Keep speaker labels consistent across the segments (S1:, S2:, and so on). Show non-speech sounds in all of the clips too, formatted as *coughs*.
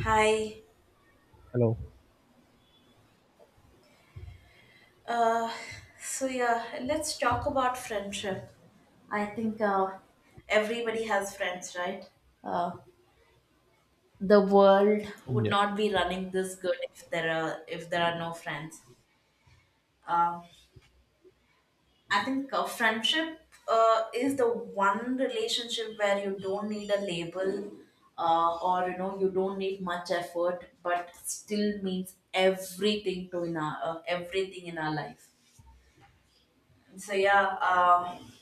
S1: Hi.
S2: Hello.
S1: Uh, so yeah, let's talk about friendship. I think everybody has friends, right? Uh, the world would
S2: Yeah.
S1: not be running this good if there are no friends. Um, I think friendship is the one relationship where you don't need a label, or you don't need much effort, but still means everything to in our everything in our life. So yeah. Um,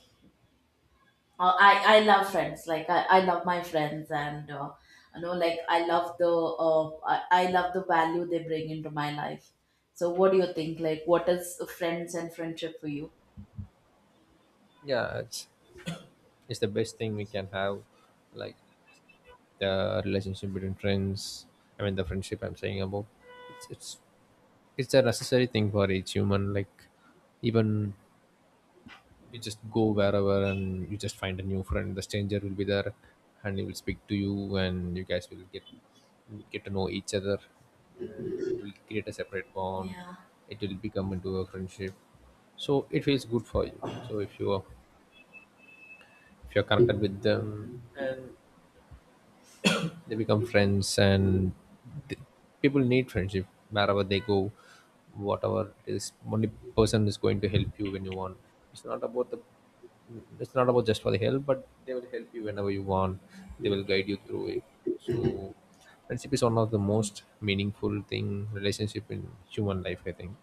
S1: uh, I I love friends. Like I love my friends, and like I love the I love the value they bring into my life. So, what do you think? Like, what is friends and friendship for you?
S2: Yeah, it's the best thing we can have, like the relationship between friends. I mean, the friendship I'm saying about. It's it's it's a necessary thing for each human. Like even you just go wherever and you just find a new friend. The stranger will be there, and he will speak to you, and you guys will get to know each other, and it will create a separate bond.
S1: Yeah,
S2: It will become into a friendship, so it feels good for you. So if you're connected with them, they become friends, and th- people need friendship wherever they go, whatever it is. Only person is going to help you when you want. It's not about the. It's not about just for the help, but they will help you whenever you want. They will guide you through it. So, friendship is one of the most meaningful thing relationship in human life, I think.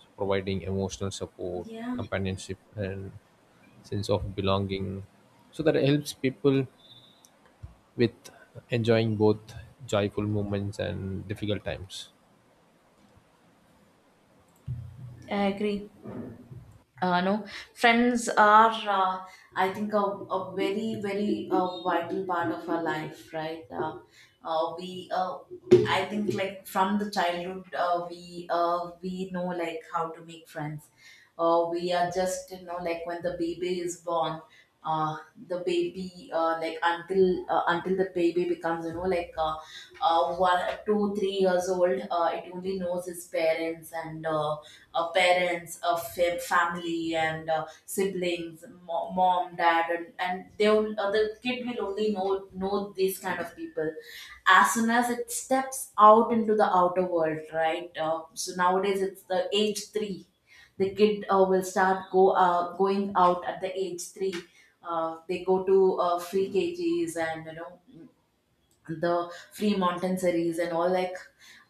S2: So providing emotional support,
S1: yeah,
S2: companionship, and sense of belonging. So that helps people with enjoying both joyful moments and difficult times.
S1: I agree. No, friends are, I think, a very, very, vital part of our life, right? Uh, we, uh, I think, like from the childhood, we know like how to make friends. We are just like when the baby is born, uh, the baby until the baby becomes one, two, three years old. It only knows its parents and parents, family and siblings, mom, dad, and they will, the kid will only know these kind of people as soon as it steps out into the outer world, right? So nowadays it's the age three, the kid will start go going out at the age three. They go to free KGs and you know the free Montenseries and all. Like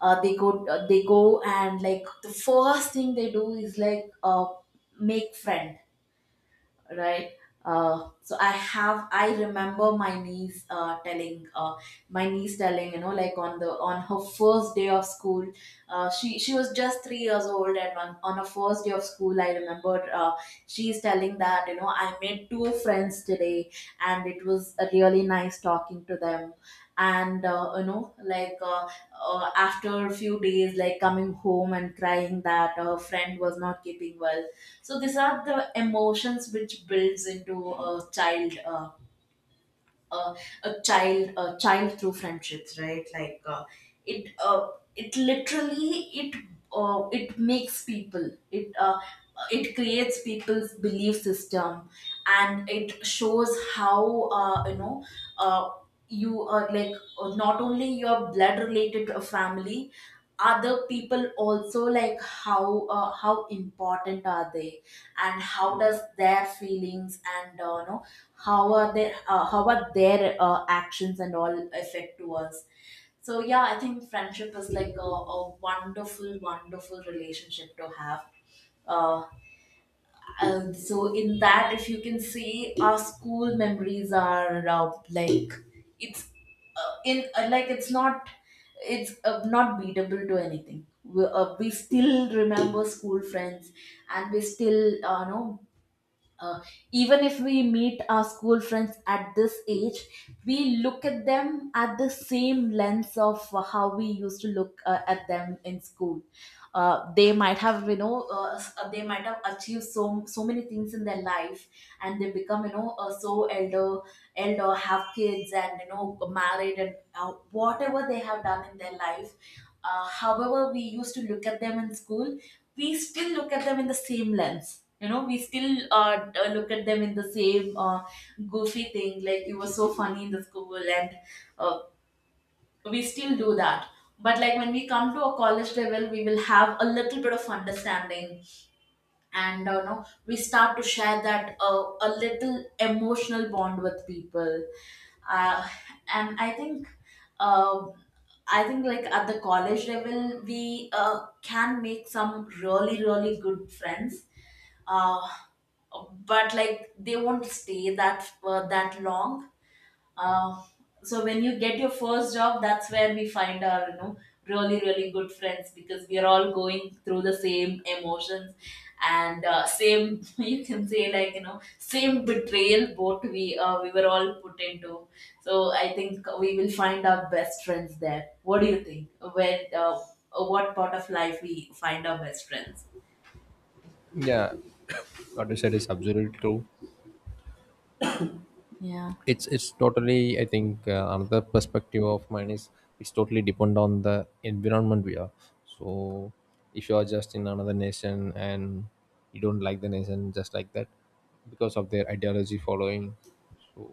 S1: they go and like the first thing they do is like make friend, right? So I remember my niece telling my niece telling, like on the on her first day of school, she was just 3 years old, and on her first day of school I remember she's telling that I made two friends today, and it was really nice talking to them. And after a few days, like coming home and crying that a friend was not keeping well. So these are the emotions which builds into a child, uh, a child through friendships, right? It uh, it literally it it makes people, it creates people's belief system, and it shows how, uh, you are like not only your blood related family, other people also. Like how important are they, and how does their feelings and no how are their actions and all affect to us. So yeah, I think friendship is like a wonderful relationship to have. uh. So in that, if you can say, our school memories are, like it's in like it's not, it's not beatable to anything. We still remember school friends, and we still know, uh, even if we meet our school friends at this age, we look at them at the same lens of how we used to look at them in school. They might have, you know, they might have achieved so many things in their life, and they become, you know, so elder, elder, have kids, and you know, married, and whatever they have done in their life. However we used to look at them in school, we still look at them in the same lens. You know, we still look at them in the same goofy thing, like you were so funny in the school, and uh, we still do that. But like when we come to a college level, we will have a little bit of understanding, and know we start to share that a little emotional bond with people. Uh, and I think uh, I think like at the college level, we can make some really, really good friends. Uh, but like they won't stay that that long. uh, so when you get your first job, that's where we find our, you know, really really good friends, because we are all going through the same emotions, and same *laughs* you can say, like, you know, same betrayal both we were all put into. So I think we will find our best friends there. What do you think? Where What part of life we find our best friends?
S2: Yeah, what you said is absolutely true.
S1: Yeah.
S2: It's totally. I think, another perspective of mine is it's totally depend on the environment we are. So if you are just in another nation and you don't like the nation just like that because of their ideology following, so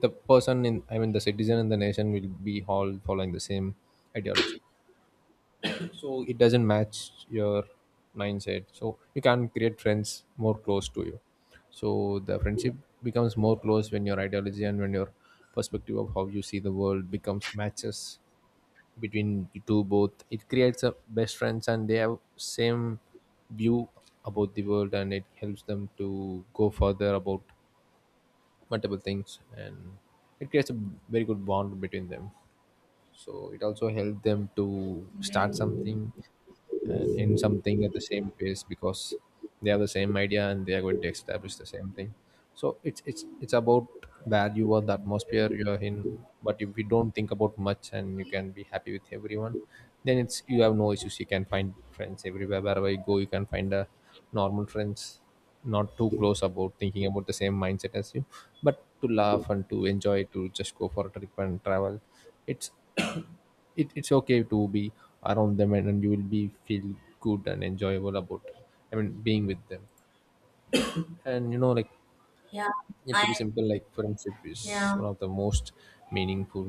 S2: the person in I mean the citizen in the nation will be all following the same ideology. So it doesn't match your mindset, so you can create friends more close to you. So the friendship becomes more close when your ideology and when your perspective of how you see the world becomes matches between the two. Both, it creates a best friends, and they have same view about the world, and it helps them to go further about multiple things, and it creates a very good bond between them. So it also helps them to
S1: Yeah.
S2: start something, and in something at the same pace, because they have the same idea and they are going to establish the same thing. So it's about value or the atmosphere you're in. But if you don't think about much, and you can be happy with everyone, then it's you have no issues. You can find friends everywhere wherever you go. You can find a normal friends, not too close about thinking about the same mindset as you, but to laugh and to enjoy, to just go for a trip and travel. It's it, it's okay to be around them, and you will be feel good and enjoyable about, I mean, being with them. And you know like
S1: Yeah,
S2: it to
S1: I.
S2: be simple, like friendship is
S1: Yeah,
S2: one of the most meaningful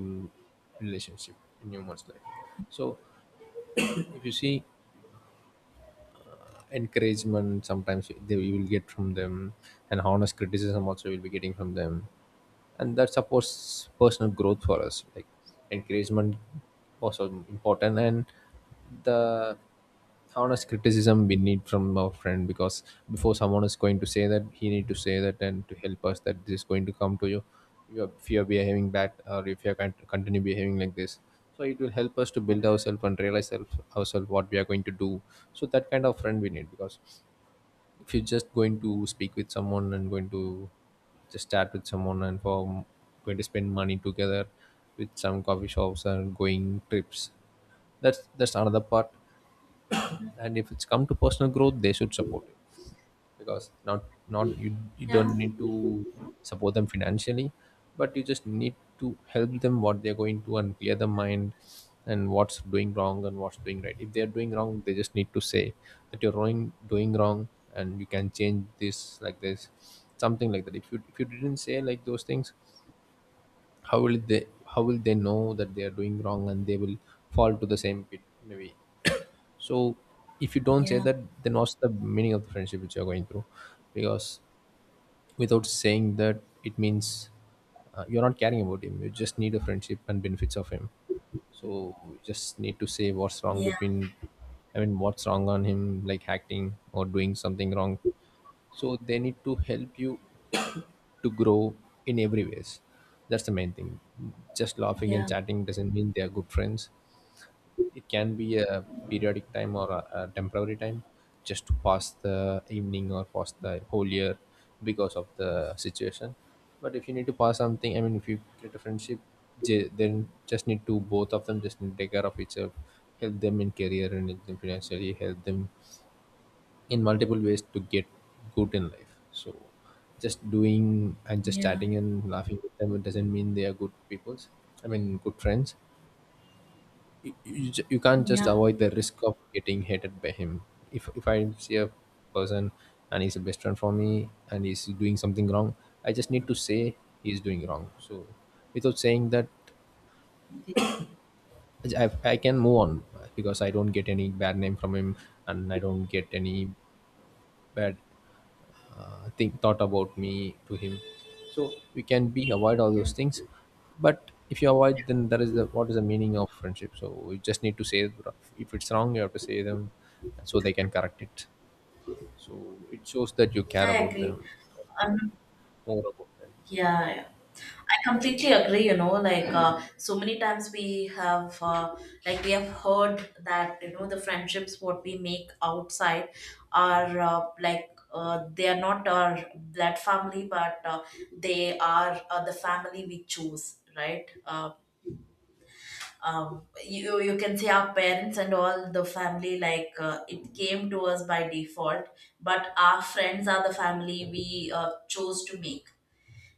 S2: relationship in human's life. So *clears throat* if you see encouragement, sometimes they you will get from them, and honest criticism also will be getting from them, and that supports personal growth for us, like encouragement also important. And the honest criticism we need from our friend, because before someone is going to say that, he need to say that and to help us that this is going to come to you. If you are behaving bad or if you are going to continue behaving like this, so it will help us to build ourselves and realize ourselves what we are going to do. So that kind of friend we need, because if you're just going to speak with someone and going to just chat with someone, and for going to spend money together with some coffee shops and going trips, that's another part. And if it's come to personal growth, they should support it, because not you don't
S1: yeah,
S2: need to support them financially, but you just need to help them what they're going to, and clear the mind, and what's doing wrong and what's doing right. If they're doing wrong, they just need to say that you're doing wrong, and you can change this like this, something like that. If you didn't say like those things, how will they how will they know that they are doing wrong, and they will fall to the same pit maybe. So if you don't say
S1: yeah,
S2: that, then what's the meaning of the friendship which you're going through? Because without saying that, it means, you're not caring about him. You just need a friendship and benefits of him, so we just need to say what's wrong
S1: yeah,
S2: between, I mean, what's wrong on him, like acting or doing something wrong. So they need to help you *coughs* to grow in every ways. That's the main thing. Just laughing and
S1: yeah,
S2: chatting doesn't mean they are good friends. It can be a periodic time or a temporary time, just to pass the evening or pass the whole year, because of the situation. But if you need to pass something, I mean, if you create a friendship, then just need to, both of them just need to take care of each other, help them in career and help them financially, help them in multiple ways to get good in life. So just doing and just
S1: yeah,
S2: chatting and laughing with them, it doesn't mean they are good peoples. I mean, good friends, you can't just
S1: yeah.
S2: avoid the risk of getting hated by him. If I see a person and he's a best friend for me and he's doing something wrong, I just need to say he's doing wrong. So without saying that,
S1: Yeah,
S2: I can move on, because I don't get any bad name from him, and I don't get any bad think thought about me to him. So we can be avoid all those things. But if you avoid, then that is the — what is the meaning of friendship? So we just need to say, if it's wrong, you have to say them, so they can correct it. So it shows that you care
S1: I
S2: about
S1: agree.
S2: them,
S1: Um,
S2: more about them.
S1: yeah, yeah. I completely agree. You know, like so many times we have, like we have heard that you know the friendships what we make outside are, they are not our blood family, but they are the family we choose, right? Um, you can say our parents and all the family like it came to us by default, but our friends are the family we chose to make.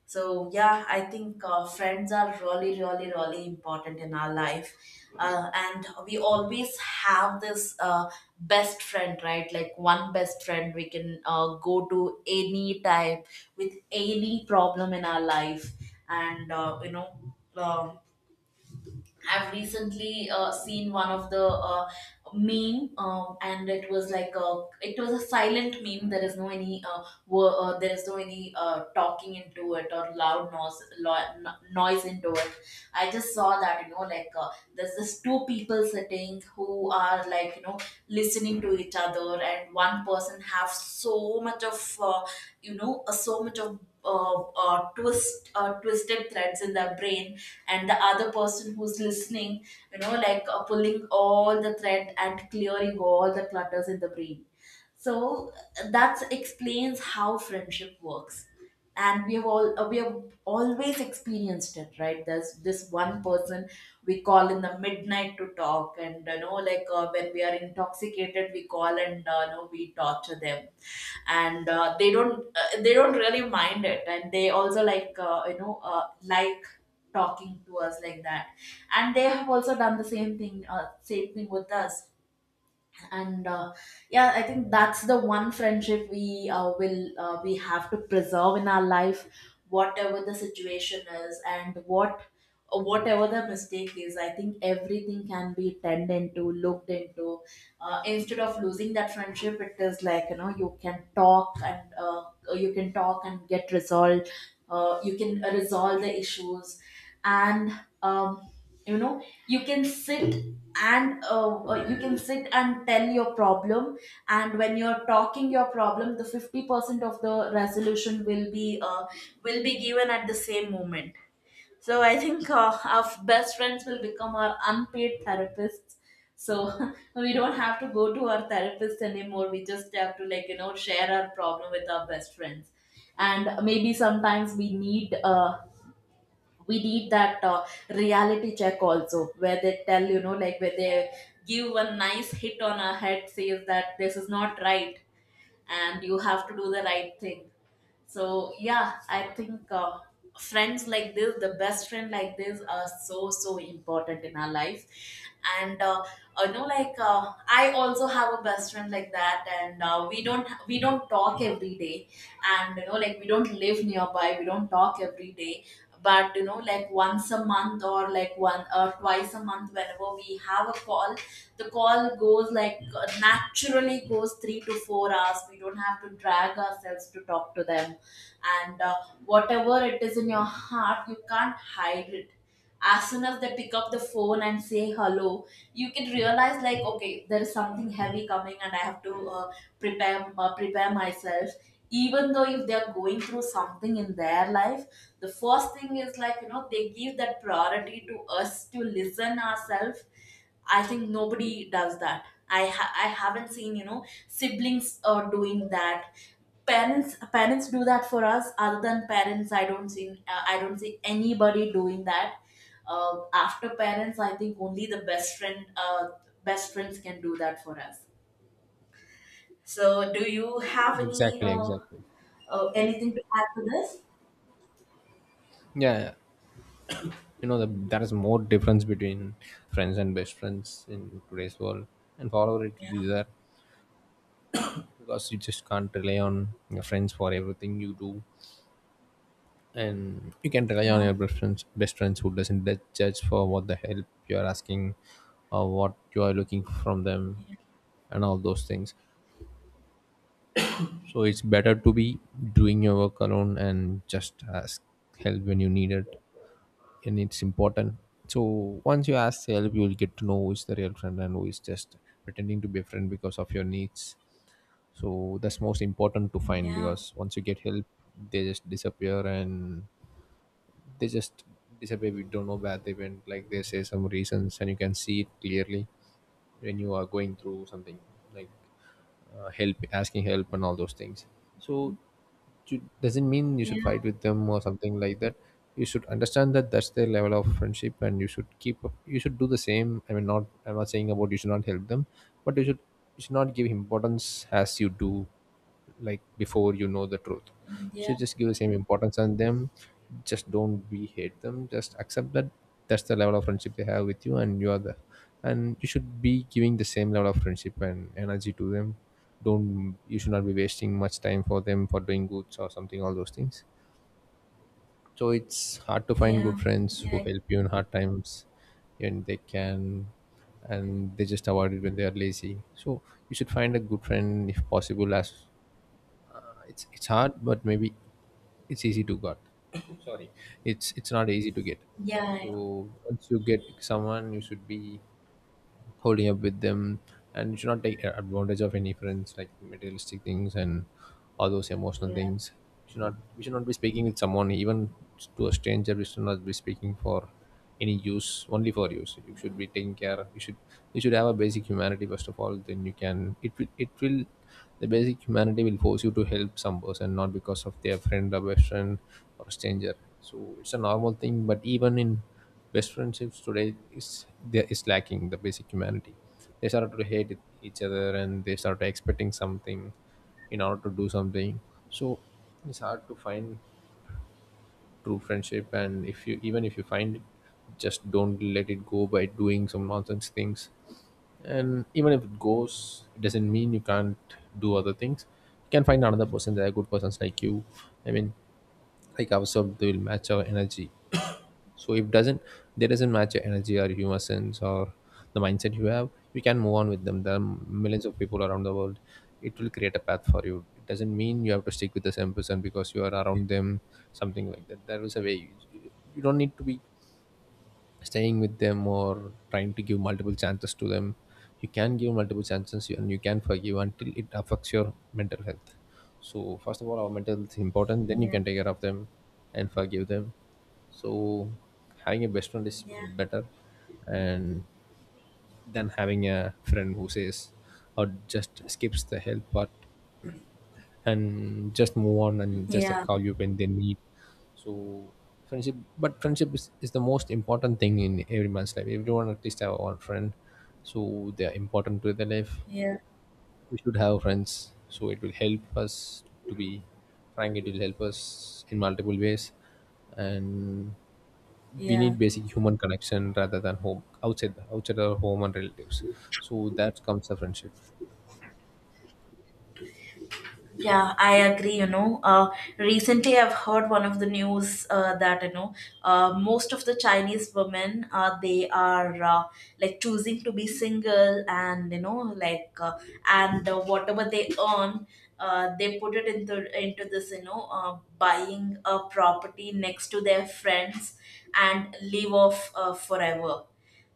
S1: So yeah, I think friends are really important in our life, and we always have this best friend, right? Like one best friend we can go to any time with any problem in our life. And um I've recently seen one of the meme, and it was like a it was a silent meme. There is no any there is no any talking into it or loud noise lo- no- noise into it. I just saw that, you know, like there's this two people sitting who are like, you know, listening to each other, and one person have so much of, so much of. Twisted threads in their brain, and the other person who's listening, you know, like pulling all the thread and clearing all the clutters in the brain. So that explains how friendship works. And we have all we have always experienced it, right? There's this one person we call in the midnight to talk, and you know, like when we are intoxicated, we call and we torture them, and they don't really mind it, and they also like like talking to us like that, and they have also done the same thing with us. And yeah, I think that's the one friendship we will we have to preserve in our life, whatever the situation is, and what whatever the mistake is, I think everything can be turned into looked into. Instead of losing that friendship, it is like, you know, you can talk and get resolved. You can resolve the issues. And um you know, you can sit and you can sit and tell your problem. And when you're talking your problem, the 50% of the resolution will be given at the same moment. So I think our best friends will become our unpaid therapists. So *laughs* we don't have to go to our therapist anymore. We just have to, like, you know, share our problem with our best friends. And maybe sometimes we need that reality check also, where they tell, you know, like where they give a nice hit on our head, says that this is not right, and you have to do the right thing. So yeah, I think friends like this, the best friend like this, are so important in our life. And I also have a best friend like that, and we don't talk every day. And you know, like we don't live nearby, we don't talk every day. But you know, like once a month or like one or twice a month, whenever we have a call, the call goes like naturally goes 3 to 4 hours. We don't have to drag ourselves to talk to them. And whatever it is in your heart, you can't hide it. As soon as they pick up the phone and say hello, you can realize, like, okay, there is something heavy coming, and I have to prepare myself. Even though if they are going through something in their life, the first thing is, like, you know, they give that priority to us to listen ourselves. I think nobody does that. I haven't seen, you know, siblings doing that. Parents do that for us. Other than parents, I don't see anybody doing that. After parents, I think only the best friend best friends can do that for us. So, do you have any
S2: Exactly, exactly.
S1: anything to add to this?
S2: Yeah, yeah. There is more difference between friends and best friends in today's world, and for our it
S1: Yeah,
S2: is there. Because you just can't rely on your friends for everything you do, and you can rely on your
S1: yeah,
S2: best friends who doesn't let judge for what the help you are asking or what you are looking from them
S1: yeah,
S2: and all those things. So it's better to be doing your work alone and just ask help when you need it, and it's important. So once you ask help, you'll get to know who is the real friend and who is just pretending to be a friend because of your needs. So that's most important to find,
S1: yeah,
S2: because once you get help, they just disappear. And they just disappear, we don't know where they went, like they say some reasons. And you can see it clearly when you are going through something like, help, asking help and all those things. So it doesn't mean you should fight
S1: yeah,
S2: with them or something like that. You should understand that that's their level of friendship. And you should do the same. I mean, not I'm not saying about you should not help them, but you should not give importance as you do, like before you know the truth. So
S1: yeah,
S2: just give the same importance on them, just don't be hate them, just accept that that's the level of friendship they have with you. And you should be giving the same level of friendship and energy to them. Don't You should not be wasting much time for them for doing goods or something, all those things. So it's hard to find good
S1: yeah,
S2: friends who
S1: yeah,
S2: help you in hard times. and they can and they just avoid it when they are lazy. So you should find a good friend if possible, as it's hard, but maybe it's easy to get. *coughs* sorry, it's not easy to get. So
S1: yeah,
S2: once you get someone, you should be holding up with them, and you should not take advantage of any friends, like materialistic things and all those emotional
S1: yeah.
S2: things. You should not We should not be speaking with someone, even to a stranger. We should not be speaking for any use. Only for use you should be taking care. You should have a basic humanity first of all. Then you can it will it will — the basic humanity will force you to help some person, not because of their friend or best friend or stranger. So it's a normal thing, but even in best friendships today, is there is lacking the basic humanity. They start to hate each other, and they start expecting something in order to do something. So it's hard to find true friendship, and if you even if you find it, just don't let it go by doing some nonsense things. And even if it goes, it doesn't mean you can't do other things. You can find another person. There are good persons like you, i mean like ourselves. They will match our energy. *coughs* So if doesn't, they doesn't match your energy or humor sense or the mindset you have, you can move on with them. There are millions of people around the world. It will create a path for you. It doesn't mean you have to stick with the same person because you are around them, something like that. There is a way. You don't need to be staying with them or trying to give multiple chances to them. You can give multiple chances and you can forgive until it affects your mental health. So first of all, our mental health is important, then you
S1: Yeah.
S2: can take care of them and forgive them. So having a best friend is
S1: Yeah,
S2: better and than having a friend who says or just skips the help part and just move on and just
S1: yeah,
S2: call you when they need. So friendship, but friendship is the most important thing in everyone's life. Everyone at least have one friend, so they are important to their life.
S1: yeah,
S2: We should have friends so it will help us to be frank. It will help us in multiple ways. And we
S1: yeah.
S2: need basic human connection rather than home, outside our home and relatives. So that comes the friendship.
S1: Yeah, I agree. You know, recently I've heard one of the news that you know most of the Chinese women they are like choosing to be single and you know like and whatever they earn they put it into this buying a property next to their friends and live off forever.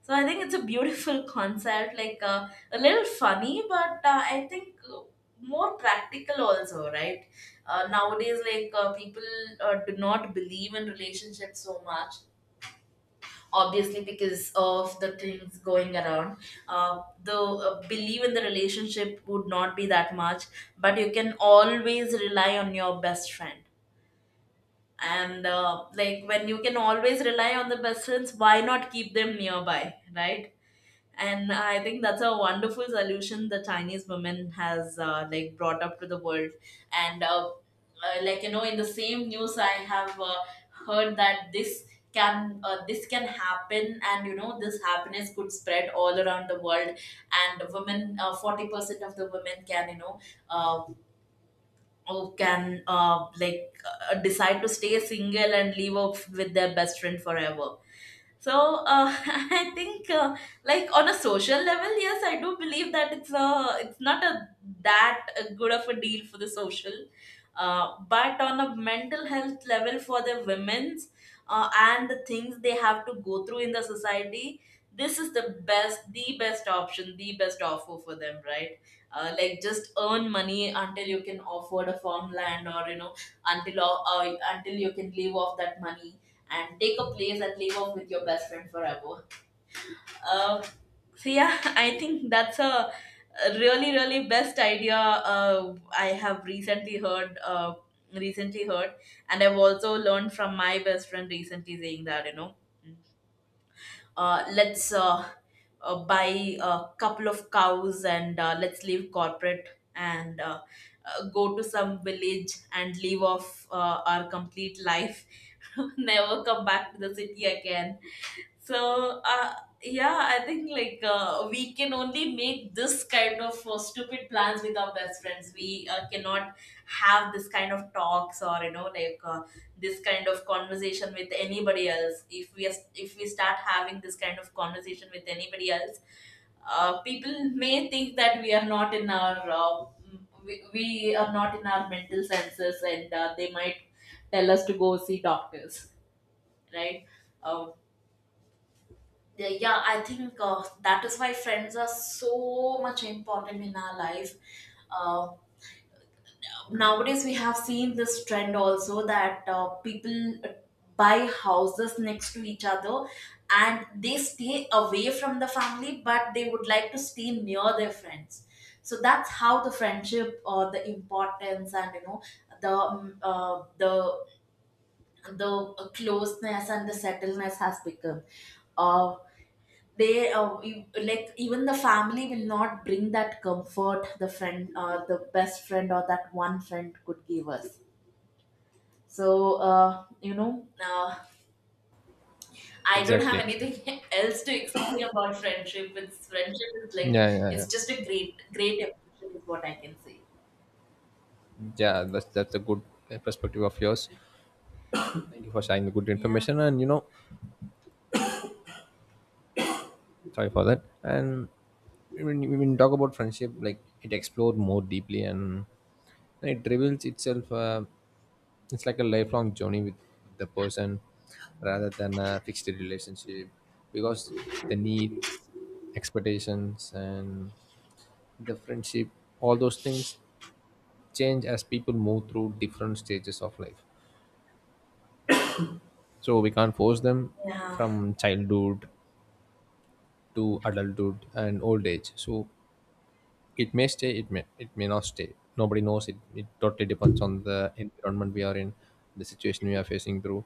S1: So I think it's a beautiful *laughs* concept, like a little funny, but I think more practical also, right? Nowadays, like people do not believe in relationships so much, obviously because of the things going around. The belief in the relationship would not be that much, but you can always rely on your best friend. And like when you can always rely on the best friends, why not keep them nearby, right? And I think that's a wonderful solution the Chinese women has like brought up to the world. And like you know, in the same news, I have heard that this can happen, and you know this happiness could spread all around the world, and women 40% of the women can you know uh, who can like decide to stay single and live off with their best friend forever. So *laughs* I think, like on a social level, yes, I do believe that it's a it's not a that a good of a deal for the social, but on a mental health level for the women's and the things they have to go through in the society, this is the best option, the best offer for them, right? Like just earn money until you can afford a farmland, or you know, until you can live off that money and take a place and live off with your best friend forever. Um, so yeah, *laughs* I think that's a really really best idea I have recently heard. And I've also learned from my best friend recently saying that you know, let's buy a couple of cows, and let's leave corporate, and go to some village and live off our complete life, *laughs* never come back to the city again. So yeah, I think like we can only make this kind of stupid plans with our best friends. We cannot have this kind of talks or you know like this kind of conversation with anybody else. If we are, if we start having this kind of conversation with anybody else, people may think that we are not in our we are not in our mental senses, and they might tell us to go see doctors, right? Uh, yeah, yeah, I think that is why friends are so much important in our life. Uh, Nowadays, we have seen this trend also that people buy houses next to each other, and they stay away from the family, but they would like to stay near their friends. So that's how the friendship or the importance, and you know, the um, uh, the the closeness and the settledness has become. Uh, like even the family will not bring that comfort the friend the best friend or that one friend could give us. So I don't
S2: Exactly,
S1: have
S2: exactly.
S1: anything *laughs* else to explain about friendship it's Friendship is like
S2: Yeah, yeah, yeah.
S1: it's just a great great emotion is what I can say.
S2: Yeah, that's a good perspective of yours. Thank you for sharing the good
S1: Yeah.
S2: information, and you know, sorry for that. And when you talk about friendship, like it explored more deeply and it reveals itself, it's like a lifelong journey with the person rather than a fixed relationship, because the needs, expectations, and the friendship, all those things change as people move through different stages of life. So we can't force them
S1: Yeah,
S2: from childhood to adulthood and old age. So it may stay, it may, it may not stay, nobody knows it. It totally depends on the environment we are in, the situation we are facing through.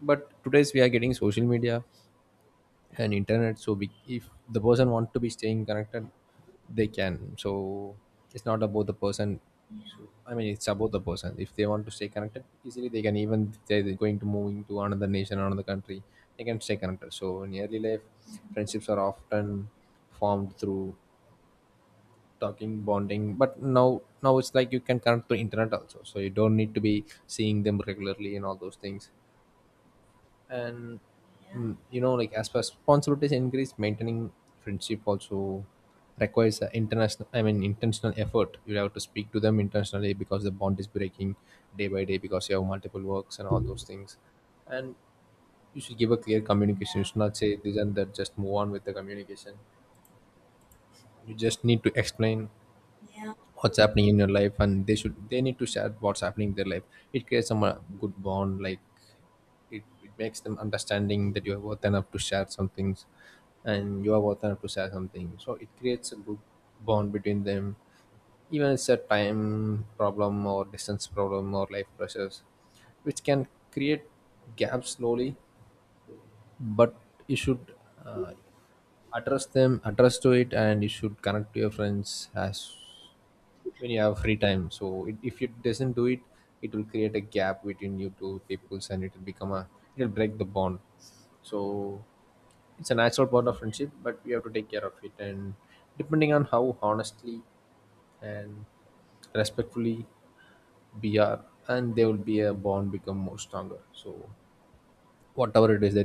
S2: But today's we are getting social media and internet, so if the person want to be staying connected, they can. So it's not about the person. So I mean, it's about the person. If they want to stay connected easily, they can, even if they're going to moving to another nation, another country, they can stay connected. So in early life, friendships are often formed through talking, bonding. But now, now it's like you can connect through internet also, so you don't need to be seeing them regularly and all those things. And you know, like as per responsibilities increase, maintaining friendship also requires a international, I mean, intentional effort. You have to speak to them intentionally because the bond is breaking day by day because you have multiple works and all those things. And you should give a clear communication. You
S1: yeah.
S2: should not say this and that, just move on with the communication. You just need to explain
S1: Yeah. Yeah.
S2: what's happening in your life, and they need to share what's happening in their life. It creates some good bond. Like it makes them understanding that you are worth enough to share some things, and you are worth enough to share something. So it creates a good bond between them. Even it's a time problem or distance problem or life pressures, which can create gaps slowly. But you should uh, address them, address to it, and you should connect to your friends as when you have free time. So if it doesn't do it, it will create a gap between you two peoples, and it will become a, it will break the bond. So it's a natural part of friendship, but we have to take care of it. And depending on how honestly and respectfully we are, and there will be a bond become more stronger. So whatever it is, the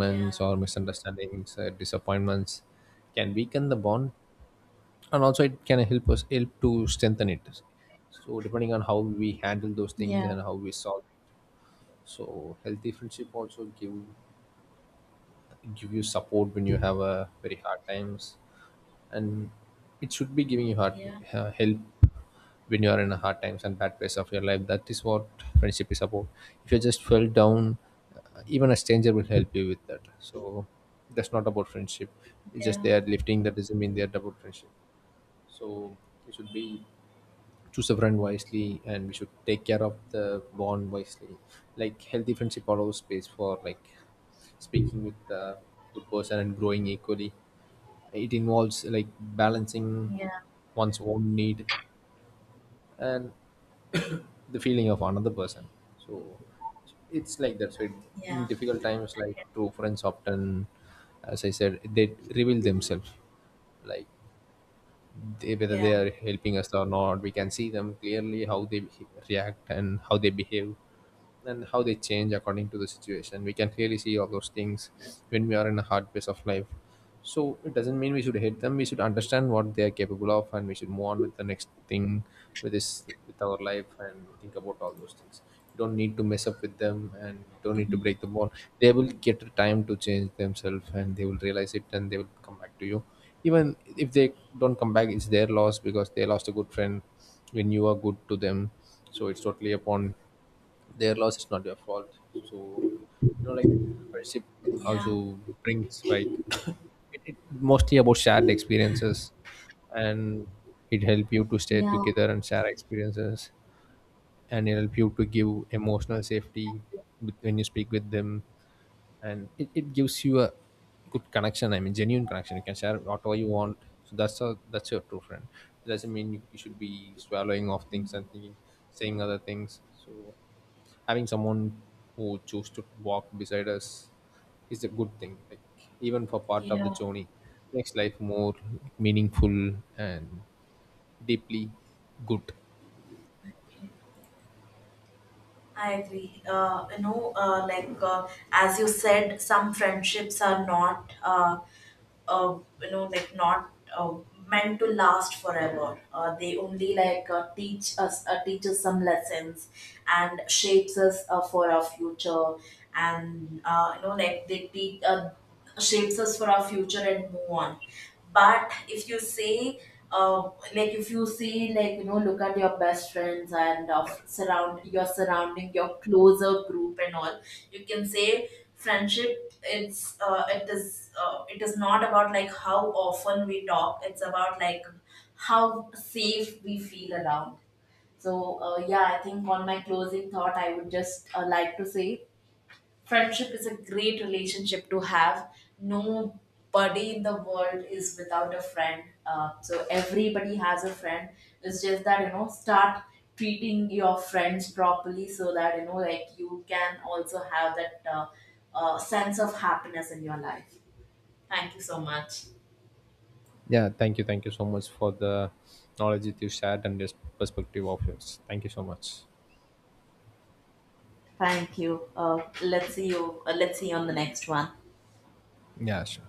S1: Yeah.
S2: or misunderstandings, disappointments can weaken the bond, and also it can help us, help to strengthen it. So depending on how we handle those things
S1: Yeah,
S2: and how we solve it. So healthy friendship also give you support when you have a very hard times. And it should be giving you hard,
S1: yeah. Yeah.
S2: help when you are in a hard times and bad place of your life. That is what friendship is about. If you just fell down, even a stranger will help you with that. So that's not about friendship. It's just they are lifting, that doesn't mean they are about friendship. So it should be, choose a friend wisely, and we should take care of the bond wisely. Like healthy friendship allows space for, like, speaking with the good person and growing equally. It involves like balancing
S1: Yeah. Yeah,
S2: one's own need and the feeling of another person. So it's like that. So in
S1: yeah.
S2: difficult times, like true friends often, as I said, they reveal themselves. Like whether they are helping us or not, we can see them clearly how they react and how they behave, and how they change according to the situation. We can clearly see all those things when we are in a hard phase of life. So it doesn't mean we should hate them. We should understand what they are capable of, and we should move on with the next thing, with this, with our life, and think about all those things. You don't need to mess up with them, and don't need to break the bond. They will get the time to change themselves, and they will realize it, and they will come back to you. Even if they don't come back, it's their loss because they lost a good friend when you are good to them. So it's totally upon, their loss is not your fault. So, you know, like friendship
S1: Yeah.
S2: also brings like, it mostly about shared experiences, and it help you to stay
S1: Yeah.
S2: together and share experiences, and it help you to give emotional safety with, when you speak with them, and it gives you a good connection. I mean, genuine connection. You can share whatever you want. So that's your true friend. It doesn't mean you should be swallowing off things and thinking, saying other things. So having someone who choose to walk beside us is a good thing, like even for part of the
S1: yeah
S2: journey, makes life more meaningful and deeply good.
S1: I agree. You know, like as you said, some friendships are not, you know, like not uh, meant to last forever. They only like teach us some lessons, and shapes us for our future. And you know, like they shapes us for our future and move on. But if you say uh, like if you see, like you know, look at your best friends and surrounding your closer group and all, you can say friendship, it is not about like how often we talk, it's about like how safe we feel around. So yeah, I think on my closing thought, I would just like to say friendship is a great relationship to have. Nobody in the world is without a friend. So everybody has a friend. It's just that you know, start treating your friends properly so that you know, like you can also have that sense of happiness in your life. Thank you so much.
S2: Yeah, thank you, thank you so much for the knowledge that you shared and this perspective of yours. Thank you so much.
S1: Thank you. Let's see you. Let's see you on the next one.
S2: Yeah, sure.